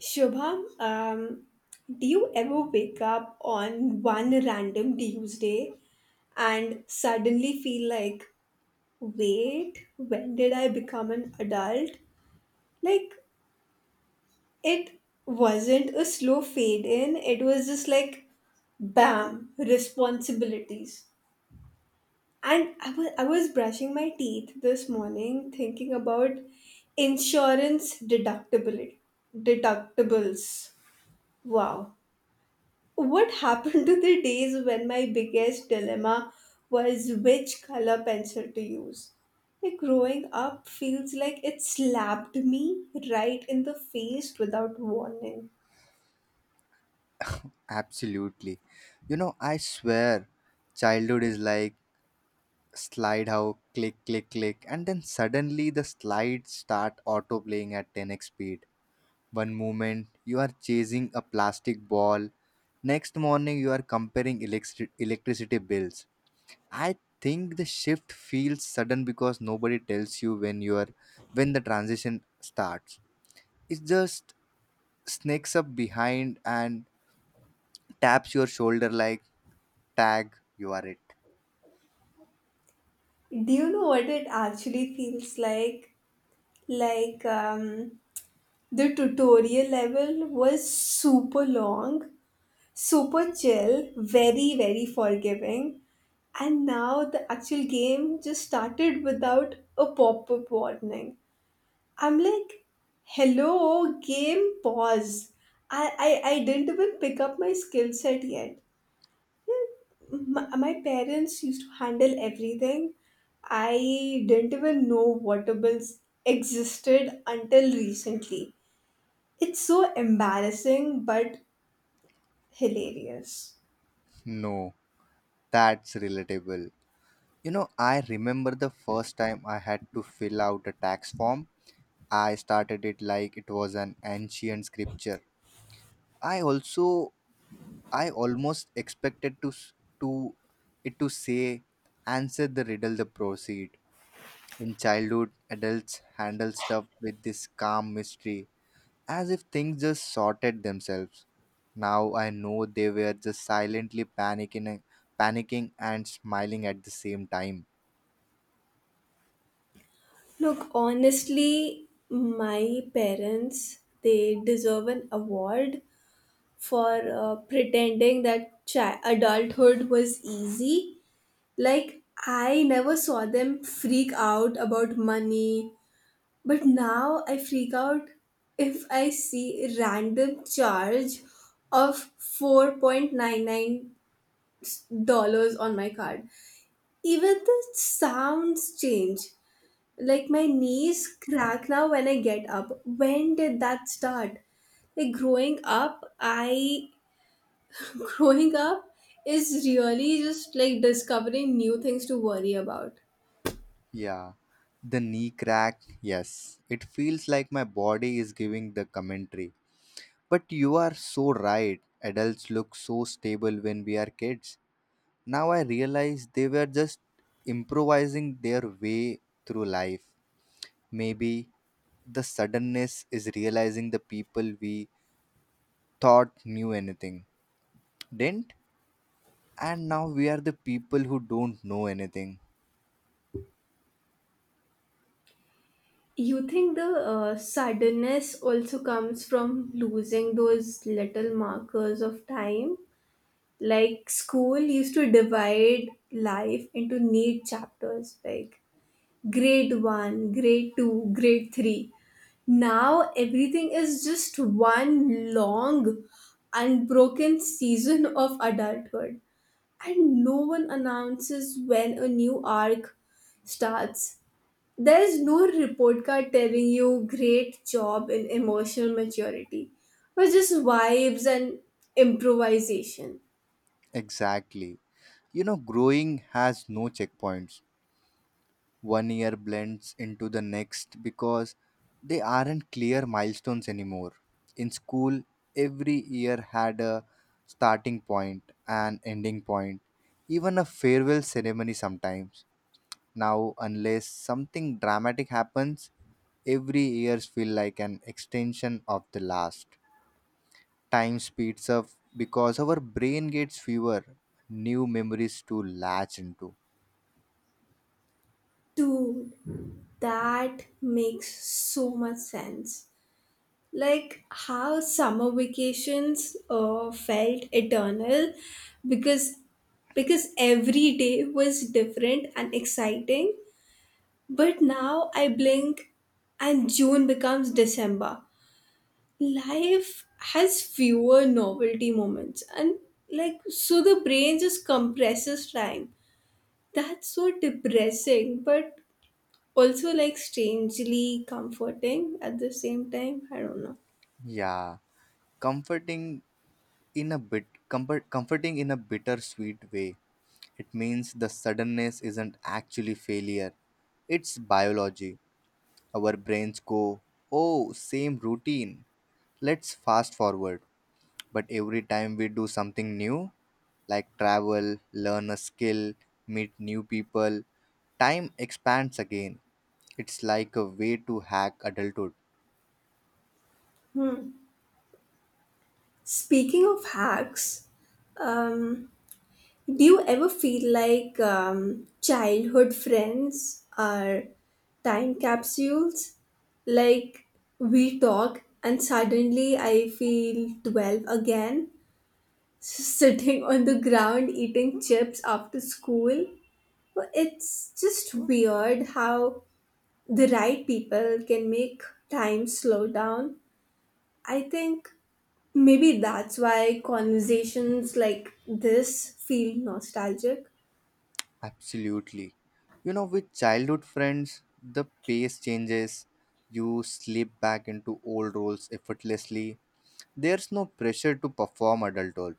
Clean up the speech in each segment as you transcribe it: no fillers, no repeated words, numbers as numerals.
Shubham, do you ever wake up on one random Tuesday and suddenly feel like, wait, when did I become an adult? Like, it wasn't a slow fade in, it was just like, bam, responsibilities. And I was brushing my teeth this morning thinking about insurance deductibility, deductibles. Wow. What happened to the days when my biggest dilemma was which color pencil to use? Like growing up feels like it slapped me right in the face without warning. Absolutely. You know, I swear, childhood is like slide how click, click, click, and then suddenly the slides start auto playing at 10x speed. One moment you are chasing a plastic ball, next morning you are comparing electricity bills. I think the shift feels sudden because nobody tells you when you are when the transition starts. It just sneaks up behind and taps your shoulder like tag, you are it. Do you know what it actually feels like? Like the tutorial level was super long, super chill, very, very forgiving. And now the actual game just started without a pop up warning. I'm like, hello, game pause. I didn't even pick up my skill set yet. My parents used to handle everything. I didn't even know water bills existed until recently. It's so embarrassing but hilarious. No, that's relatable. You know, I remember the first time I had to fill out a tax form. I started it like it was an ancient scripture. I also i almost expected to s- to it to say, answer the riddle the proceed. In childhood, adults handle stuff with this calm mystery, as if things just sorted themselves. Now I know they were just silently panicking and smiling at the same time. Look, honestly, my parents, they deserve an award for pretending that adulthood was easy. Like, I never saw them freak out about money, but now I freak out if I see random charge of $4.99 on my card. Even the sounds change. Like, my knees crack now when I get up. When did that start? like growing up i growing up is really just like discovering new things to worry about. Yeah, the knee crack. Yes, it feels like my body is giving the commentary. But you are so right. Adults look so stable when we are kids. Now I realize they were just improvising their way through life. Maybe the suddenness is realizing the people we thought knew anything, didn't? And now we are the people who don't know anything. You think the suddenness also comes from losing those little markers of time? Like school used to divide life into neat chapters, like grade 1, grade 2, grade 3. Now everything is just one long, unbroken season of adulthood and no one announces when a new arc starts. There is no report card telling you great job in emotional maturity, but just vibes and improvisation. Exactly. You know, growing has no checkpoints. One year blends into the next because they aren't clear milestones anymore. In school, every year had a starting point, an ending point, even a farewell ceremony sometimes. Now, unless something dramatic happens, every years feel like an extension of the last. Time speeds up because our brain gets fewer new memories to latch into. Dude, that makes so much sense. Like how summer vacations felt eternal because because every day was different and exciting. But now I blink and June becomes December. Life has fewer novelty moments and like so the brain just compresses time. That's so depressing but also like strangely comforting at the same time. I don't know. Yeah, comforting comforting in a bittersweet way. It means the suddenness isn't actually failure. It's biology. Our brains go, "Oh, same routine. Let's fast forward." But every time we do something new, like travel, learn a skill, meet new people, time expands again. It's like a way to hack adulthood. Hmm. Speaking of hacks, um do you ever feel like childhood friends are time capsules? Like we talk, and suddenly I feel 12 again, sitting on the ground eating chips after school. Well, it's just weird how the right people can make time slow down. I think maybe that's why conversations like this feel nostalgic. Absolutely. You know, with childhood friends, the pace changes. You slip back into old roles effortlessly. There's no pressure to perform adulthood.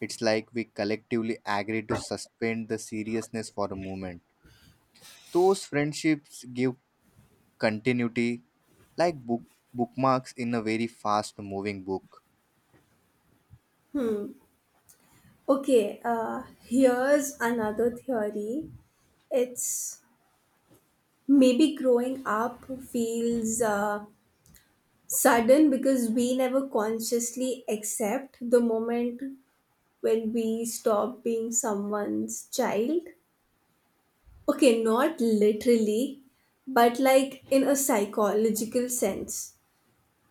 It's like we collectively agree to suspend the seriousness for a moment. Those friendships give continuity, like bookmarks in a very fast moving book. Okay, here's another theory. It's maybe growing up feels sudden because we never consciously accept the moment when we stop being someone's child. Okay, not literally, but like in a psychological sense.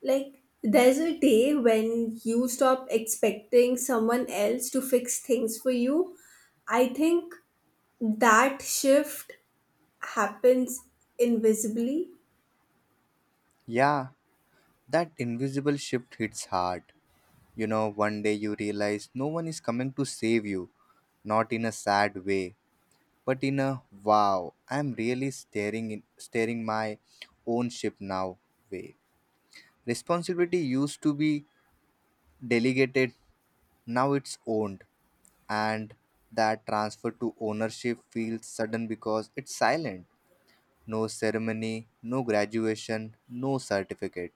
Like, there's a day when you stop expecting someone else to fix things for you. I think that shift happens invisibly. Yeah, that invisible shift hits hard. You know, one day you realize no one is coming to save you, not in a sad way, but in a wow, I'm really staring my own ship now way. Responsibility used to be delegated, now it's owned. And that transfer to ownership feels sudden because it's silent. No ceremony, no graduation, no certificate.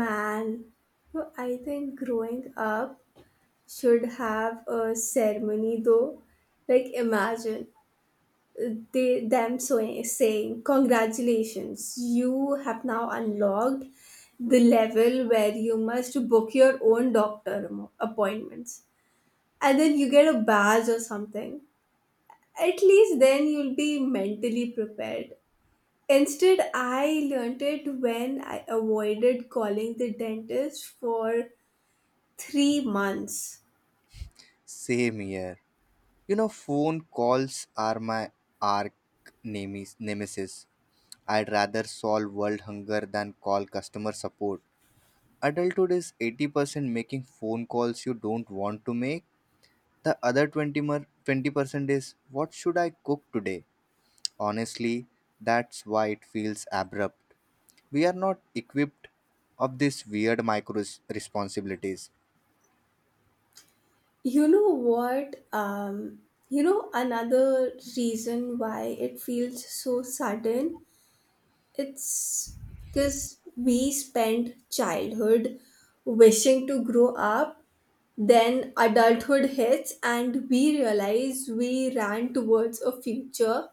Man, no, I think growing up should have a ceremony though. Like imagine they them so saying congratulations, you have now unlocked the level where you must book your own doctor appointments, and then you get a badge or something. At least then you'll be mentally prepared. Instead, I learnt it when I avoided calling the dentist for 3 months. Same here. You know, phone calls are my arch nemesis. I'd rather solve world hunger than call customer support. Adulthood is 80% making phone calls you don't want to make. The other 20% is what should I cook today? Honestly, that's why it feels abrupt. We are not equipped of these weird micro responsibilities. You know what? You know, another reason why it feels so sudden? It's because we spend childhood wishing to grow up, then adulthood hits, and we realize we ran towards a future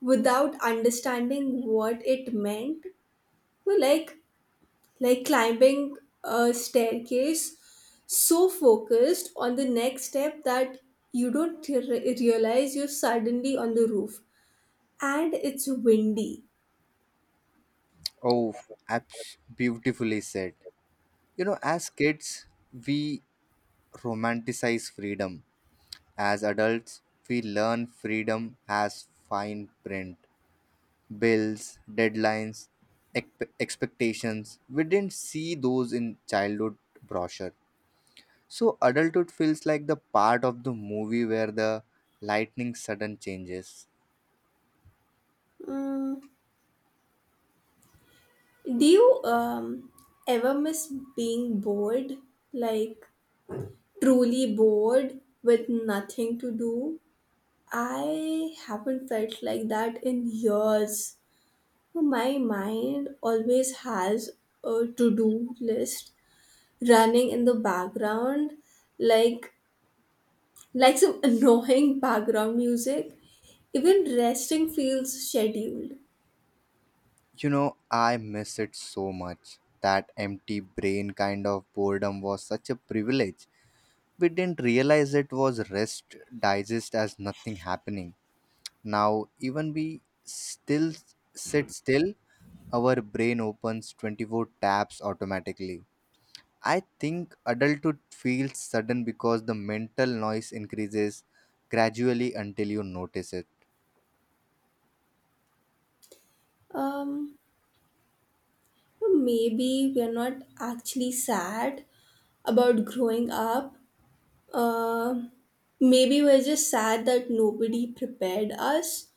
without understanding what it meant. Well, like climbing a staircase, so focused on the next step that you don't realize you're suddenly on the roof, and it's windy. Oh, beautifully said. You know, as kids, we romanticize freedom. As adults, we learn freedom as fine print, bills, deadlines, expectations. We didn't see those in childhood brochure. So, adulthood feels like the part of the movie where the lightning sudden changes. Mm. Do you ever miss being bored, like truly bored with nothing to do? I haven't felt like that in years. My mind always has a to do list running in the background like like some annoying background music. Even resting feels scheduled. You know, I miss it so much. That empty brain kind of boredom was such a privilege. We didn't realize it was rest, digest as nothing happening. Now, even we still sit still, our brain opens 24 tabs automatically. I think adulthood feels sudden because the mental noise increases gradually until you notice it. um Maybe we are not actually sad about growing up. uh, Maybe we're just sad that nobody prepared us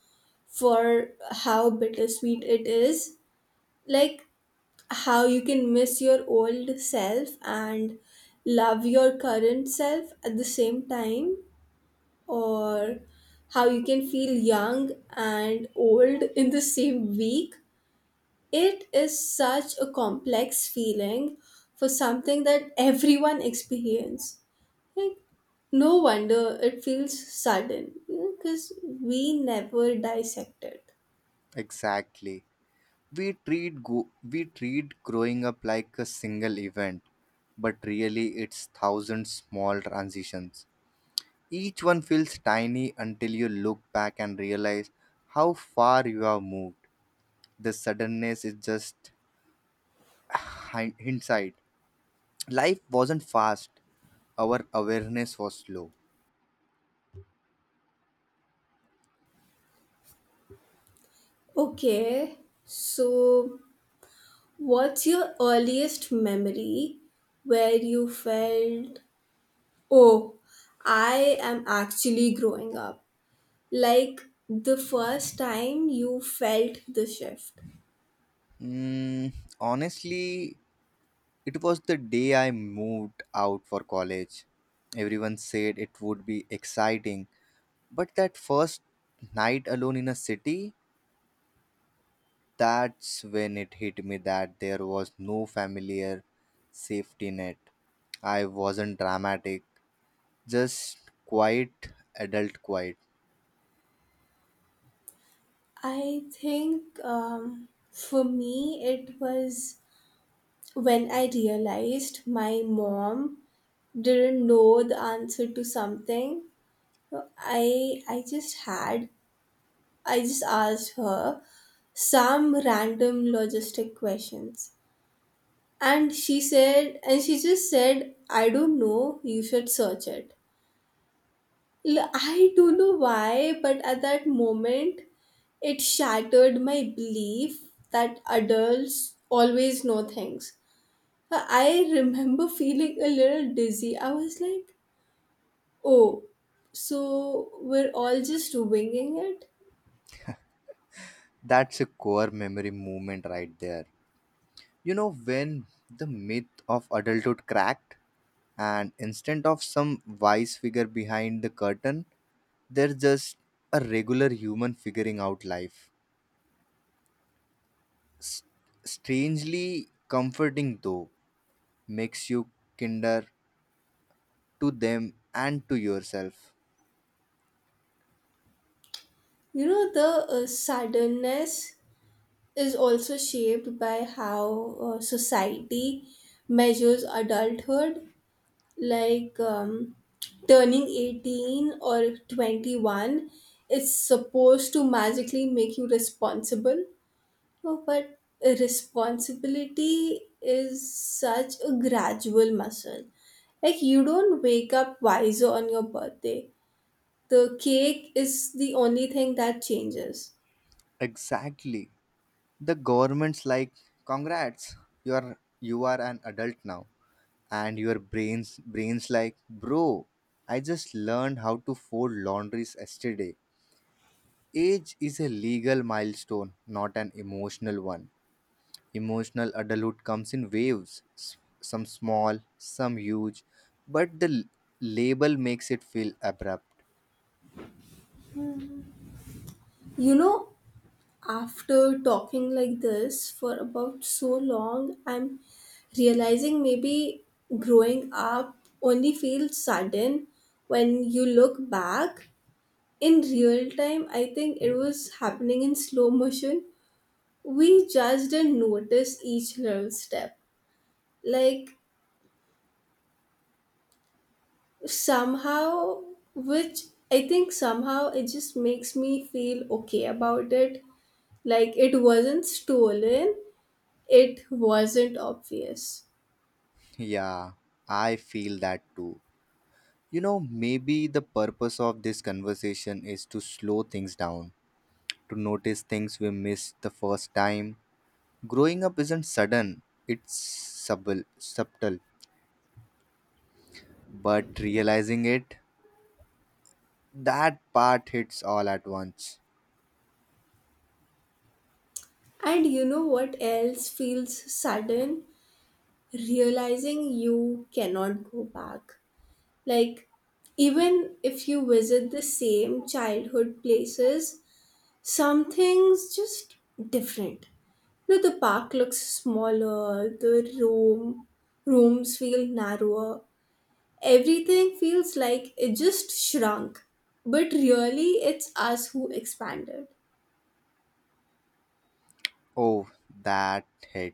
for how bittersweet it is, like how you can miss your old self and love your current self at the same time, or how you can feel young and old in the same week. It is such a complex feeling for something that everyone experiences. Like, no wonder it feels sudden because we never dissect it. Exactly. We treat growing up like a single event, but really it's thousand small transitions. Each one feels tiny until you look back and realize how far you have moved. The suddenness is just hindsight. Life wasn't fast, our awareness was slow. Okay, so what's your earliest memory where you felt, oh, I am actually growing up? Like the first time you felt the shift. Mm, honestly, it was the day I moved out for college. Everyone said it would be exciting, but that first night alone in a city, that's when it hit me that there was no familiar safety net. I wasn't dramatic, just quiet, adult quiet. I think For me it was when I realized my mom didn't know the answer to something. i i just had I just asked her some random logistic questions, and she just said I don't know, you should search it. I don't know why, but at that moment, it shattered my belief that adults always know things. I remember feeling a little dizzy. I was like, oh, so we're all just winging it? That's a core memory moment right there. You know, when the myth of adulthood cracked, and instead of some wise figure behind the curtain, there's just a regular human figuring out life. S- strangely comforting though, makes you kinder to them and to yourself. You know, the suddenness is also shaped by how society measures adulthood. Like turning 18 or 21 is supposed to magically make you responsible. No, but responsibility is such a gradual muscle. Like you don't wake up wiser on your birthday. The cake is the only thing that changes. Exactly. The government's like, congrats, you are an adult now. And your brains like, bro, I just learned how to fold laundries yesterday. Age is a legal milestone, not an emotional one. Emotional adulthood comes in waves, some small, some huge, but the label makes it feel abrupt. You know, after talking like this for about so long, I'm realizing maybe growing up only feels sudden when you look back. In real time, I think it was happening in slow motion. We just didn't notice each little step. Like, somehow, which I think somehow it just makes me feel okay about it. Like, it wasn't stolen. It wasn't obvious. Yeah, I feel that too. You know, maybe the purpose of this conversation is to slow things down, to notice things we missed the first time. Growing up isn't sudden, it's subtle, subtle, but realizing it, that part hits all at once. And you know what else feels sudden? Realizing you cannot go back. Like, even if you visit the same childhood places, some things just different. You know, the park looks smaller, the rooms feel narrower. Everything feels like it just shrunk. But really it's us who expanded. Oh, that hit.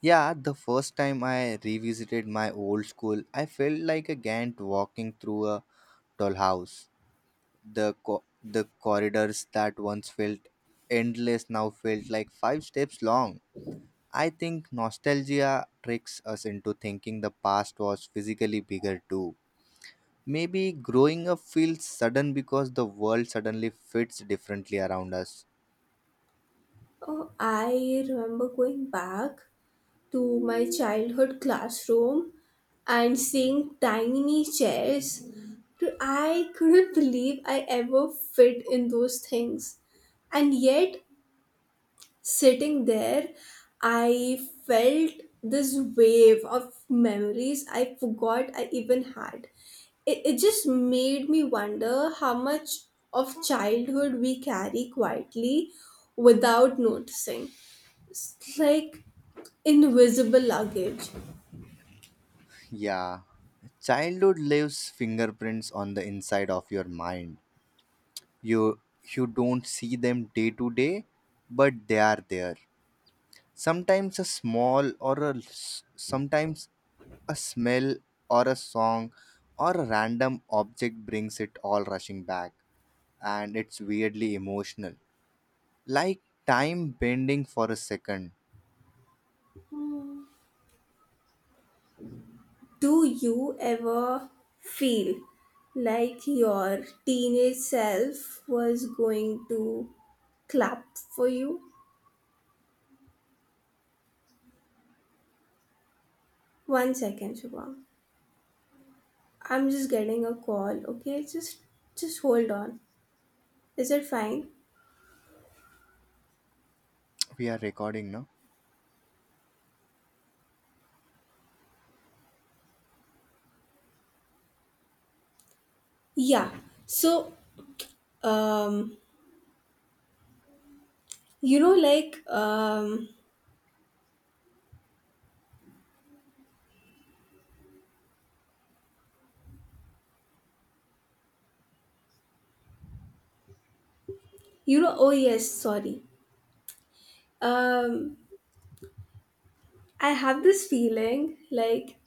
Yeah, the first time I revisited my old school, I felt like a Gant walking through a dollhouse. The corridors that once felt endless now felt like five steps long. I think nostalgia tricks us into thinking the past was physically bigger too. Maybe growing up feels sudden because the world suddenly fits differently around us. Oh, I remember going back to my childhood classroom and seeing tiny chairs. Dude, I couldn't believe I ever fit in those things. And yet, sitting there, I felt this wave of memories I forgot I even had. It just made me wonder how much of childhood we carry quietly without noticing. It's like invisible luggage. Yeah. Childhood leaves fingerprints on the inside of your mind. You you don't see them day to day, but they are there. Sometimes a smell or a song or a random object brings it all rushing back, and it's weirdly emotional. Like time bending for a second. Do you ever feel like your teenage self was going to clap for you? One second, Shubham. I'm just getting a call. Okay, just hold on. Is it fine? We are recording, now. Yeah. So, um, you know, like, you know, oh yes, sorry. Um, I have this feeling like.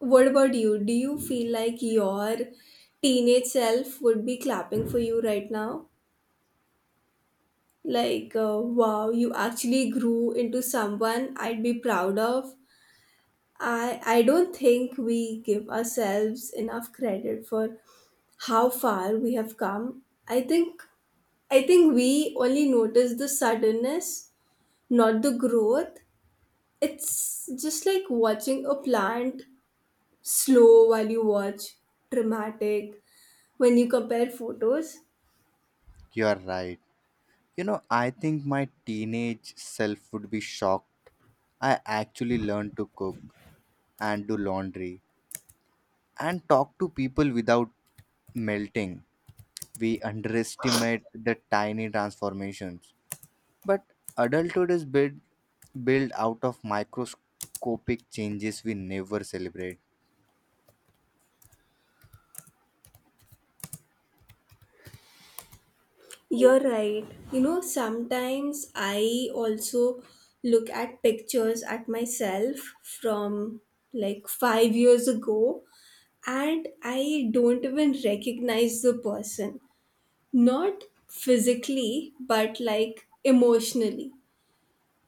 What about you? Do you feel like your teenage self would be clapping for you right now? Like, wow, you actually grew into someone I'd be proud of. I don't think we give ourselves enough credit for how far we have come. I think I think we only notice the suddenness, not the growth. It's just like watching a plant slow while you watch, dramatic when you compare photos. You are right. You know, I think my teenage self would be shocked. I actually learned to cook and do laundry and talk to people without melting. We underestimate the tiny transformations. But adulthood is built out of microscopic changes we never celebrate. You're right. You know, sometimes I also look at pictures at myself from like 5 years ago and I don't even recognize the person. Not physically, but like emotionally.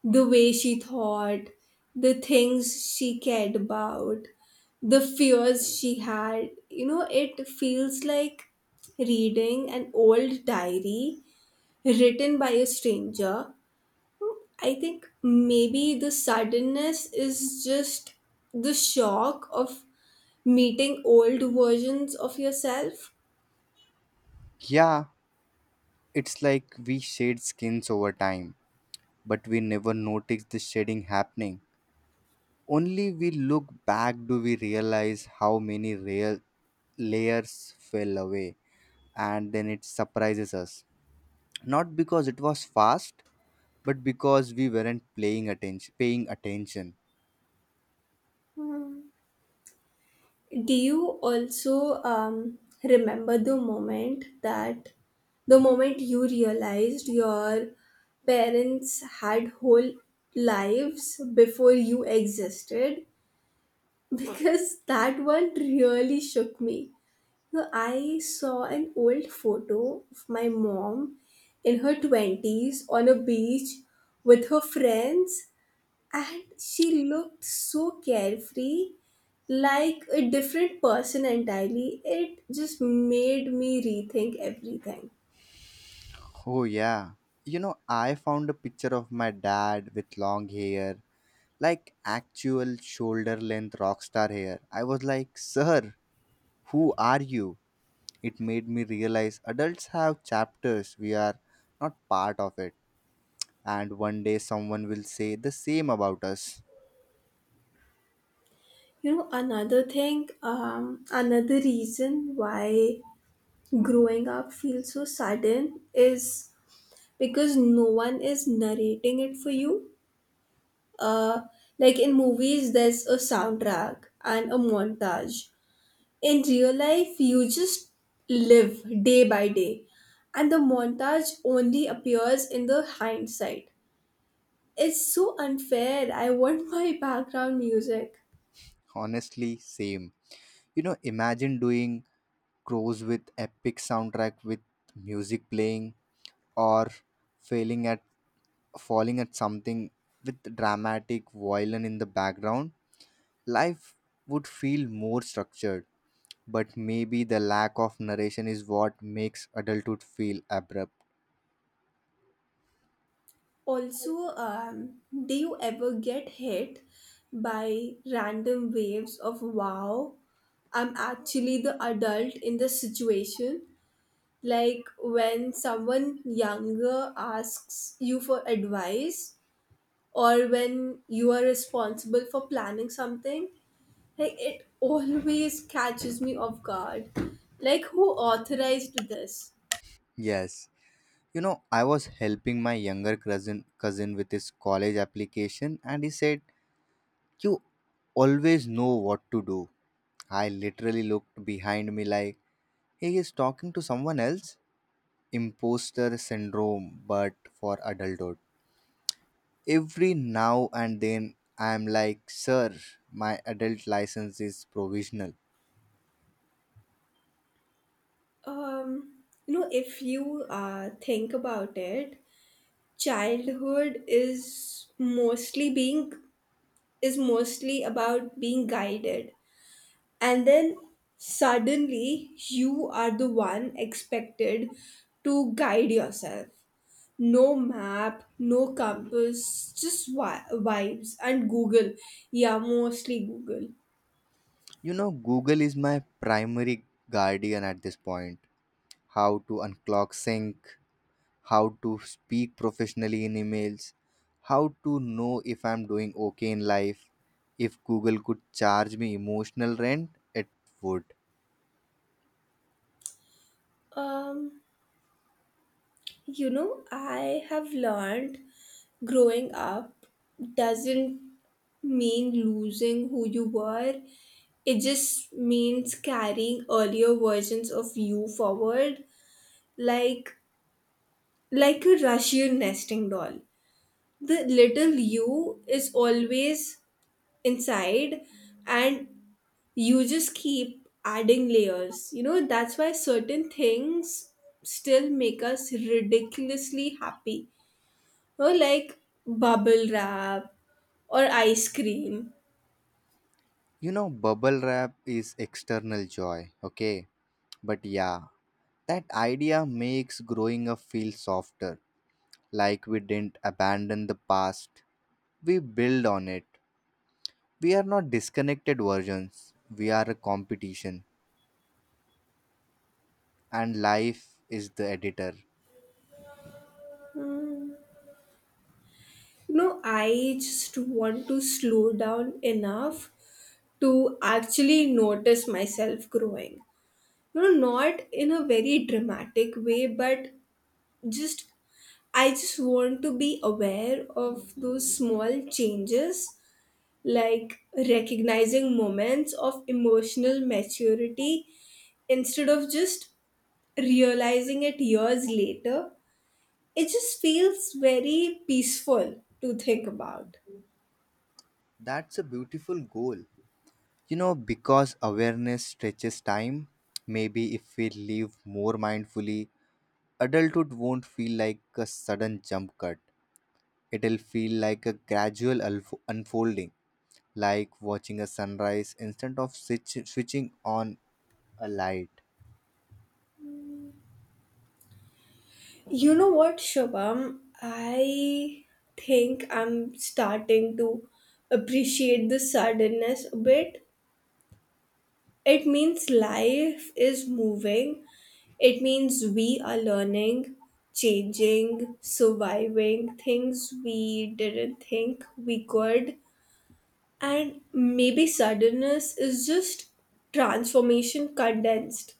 The way she thought, the things she cared about, the fears she had. You know, it feels like reading an old diary written by a stranger. I think maybe the suddenness is just the shock of meeting old versions of yourself. Yeah, it's like we shade skins over time, but we never notice the shading happening. Only we look back do we realize how many real layers fell away, and then it surprises us. Not because it was fast, but because we weren't playing attention paying attention. Do you also remember the moment you realized your parents had whole lives before you existed? Because that one really shook me. So I saw an old photo of my mom in her 20s on a beach with her friends, and she looked so carefree, like a different person entirely. It just made me rethink everything. Oh, yeah. You know, I found a picture of my dad with long hair, like actual shoulder length rock star hair. I was like, sir, who are you? It made me realize adults have chapters we are not part of it, and one day someone will say the same about us. You know, another thing, another reason why growing up feels so sudden is because no one is narrating it for you. uh like in movies there's a soundtrack and a montage. In real life, you just live day by day, and the montage only appears in the hindsight. It's so unfair. I want my background music. Honestly, same. You know, imagine doing grows with epic soundtrack, with music playing, or failing at falling at something with dramatic violin in the background. Life would feel more structured, but maybe the lack of narration is what makes adulthood feel abrupt. Also, do you ever get hit by random waves of wow? I'm actually the adult in the situation. Like when someone younger asks you for advice, or when you are responsible for planning something. Like it always catches me off guard, like who authorized this? Yes. You know, I was helping my younger cousin with his college application, and he said, you always know what to do. I literally looked behind me like, he is talking to someone else. Imposter syndrome, but for adulthood every now and then, I'm like, sir, my adult license is provisional. um you know, if you think about it, childhood is mostly being is mostly about being guided, and then suddenly you are the one expected to guide yourself. No map, no compass, just vibes and Google. Yeah, mostly Google. You know, Google is my primary guardian at this point. How to unclog sync, how to speak professionally in emails, how to know if I'm doing okay in life. If Google could charge me emotional rent, it would. Um, you know, I have learned growing up doesn't mean losing who you were. It just means carrying earlier versions of you forward, like like a Russian nesting doll. The little you is always inside, and you just keep adding layers. You know, that's why certain things still make us ridiculously happy. You know, like bubble wrap or ice cream. You know, bubble wrap is external joy, okay. But yeah, that idea makes growing up feel softer, like we didn't abandon the past. We build on it. We are not disconnected versions, we are a competition, and life is the editor. You know, I just want to slow down enough to actually notice myself growing. You know, not in a very dramatic way, but just I just want to be aware of those small changes, like recognizing moments of emotional maturity instead of just realizing it years later. It just feels very peaceful to think about. That's a beautiful goal. You know, because awareness stretches time, maybe if we live more mindfully, adulthood won't feel like a sudden jump cut. It'll feel like a gradual unfolding, like watching a sunrise instead of switching on a light. You know what, Shubham? I think I'm starting to appreciate the suddenness a bit. It means life is moving. It means we are learning, changing, surviving things we didn't think we could. And maybe suddenness is just transformation condensed.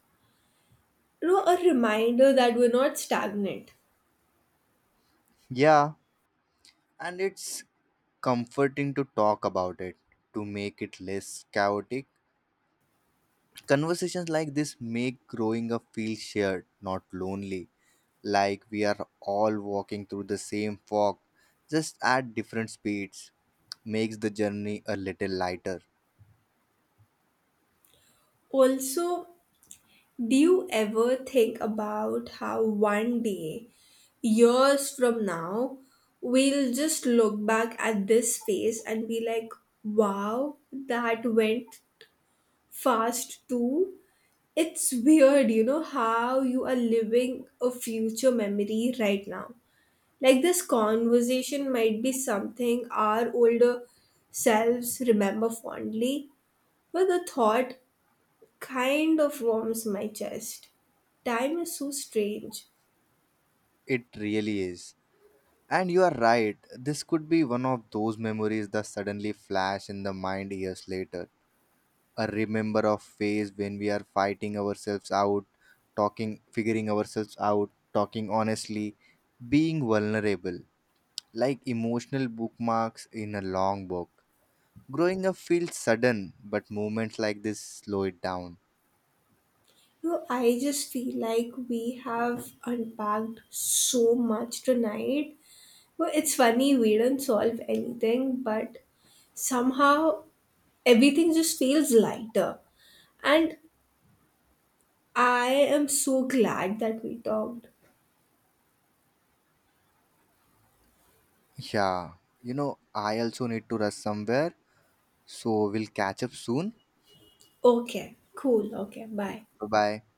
You know, a reminder that we're not stagnant. Yeah, and it's comforting to talk about it, to make it less chaotic. Conversations like this make growing up feel shared, not lonely, like we are all walking through the same fog, just at different speeds, makes the journey a little lighter. Also, do you ever think about how one day, years from now, we'll just look back at this phase and be like, wow, that went fast too? It's weird, you know, how you are living a future memory right now. Like, this conversation might be something our older selves remember fondly, but the thought kind of warms my chest. Time is so strange. It really is. And you are right, this could be one of those memories that suddenly flash in the mind years later, a remember of phase when we are fighting ourselves out, talking, figuring ourselves out, talking honestly, being vulnerable, like emotional bookmarks in a long book. Growing up feels sudden, but moments like this slow it down. You know, I just feel like we have unpacked so much tonight. Well, it's funny we don't solve anything, but somehow everything just feels lighter. And I am so glad that we talked. Yeah, you know, I also need to rush somewhere, so we'll catch up soon. Okay, cool. Okay, Cool. bye. Bye bye.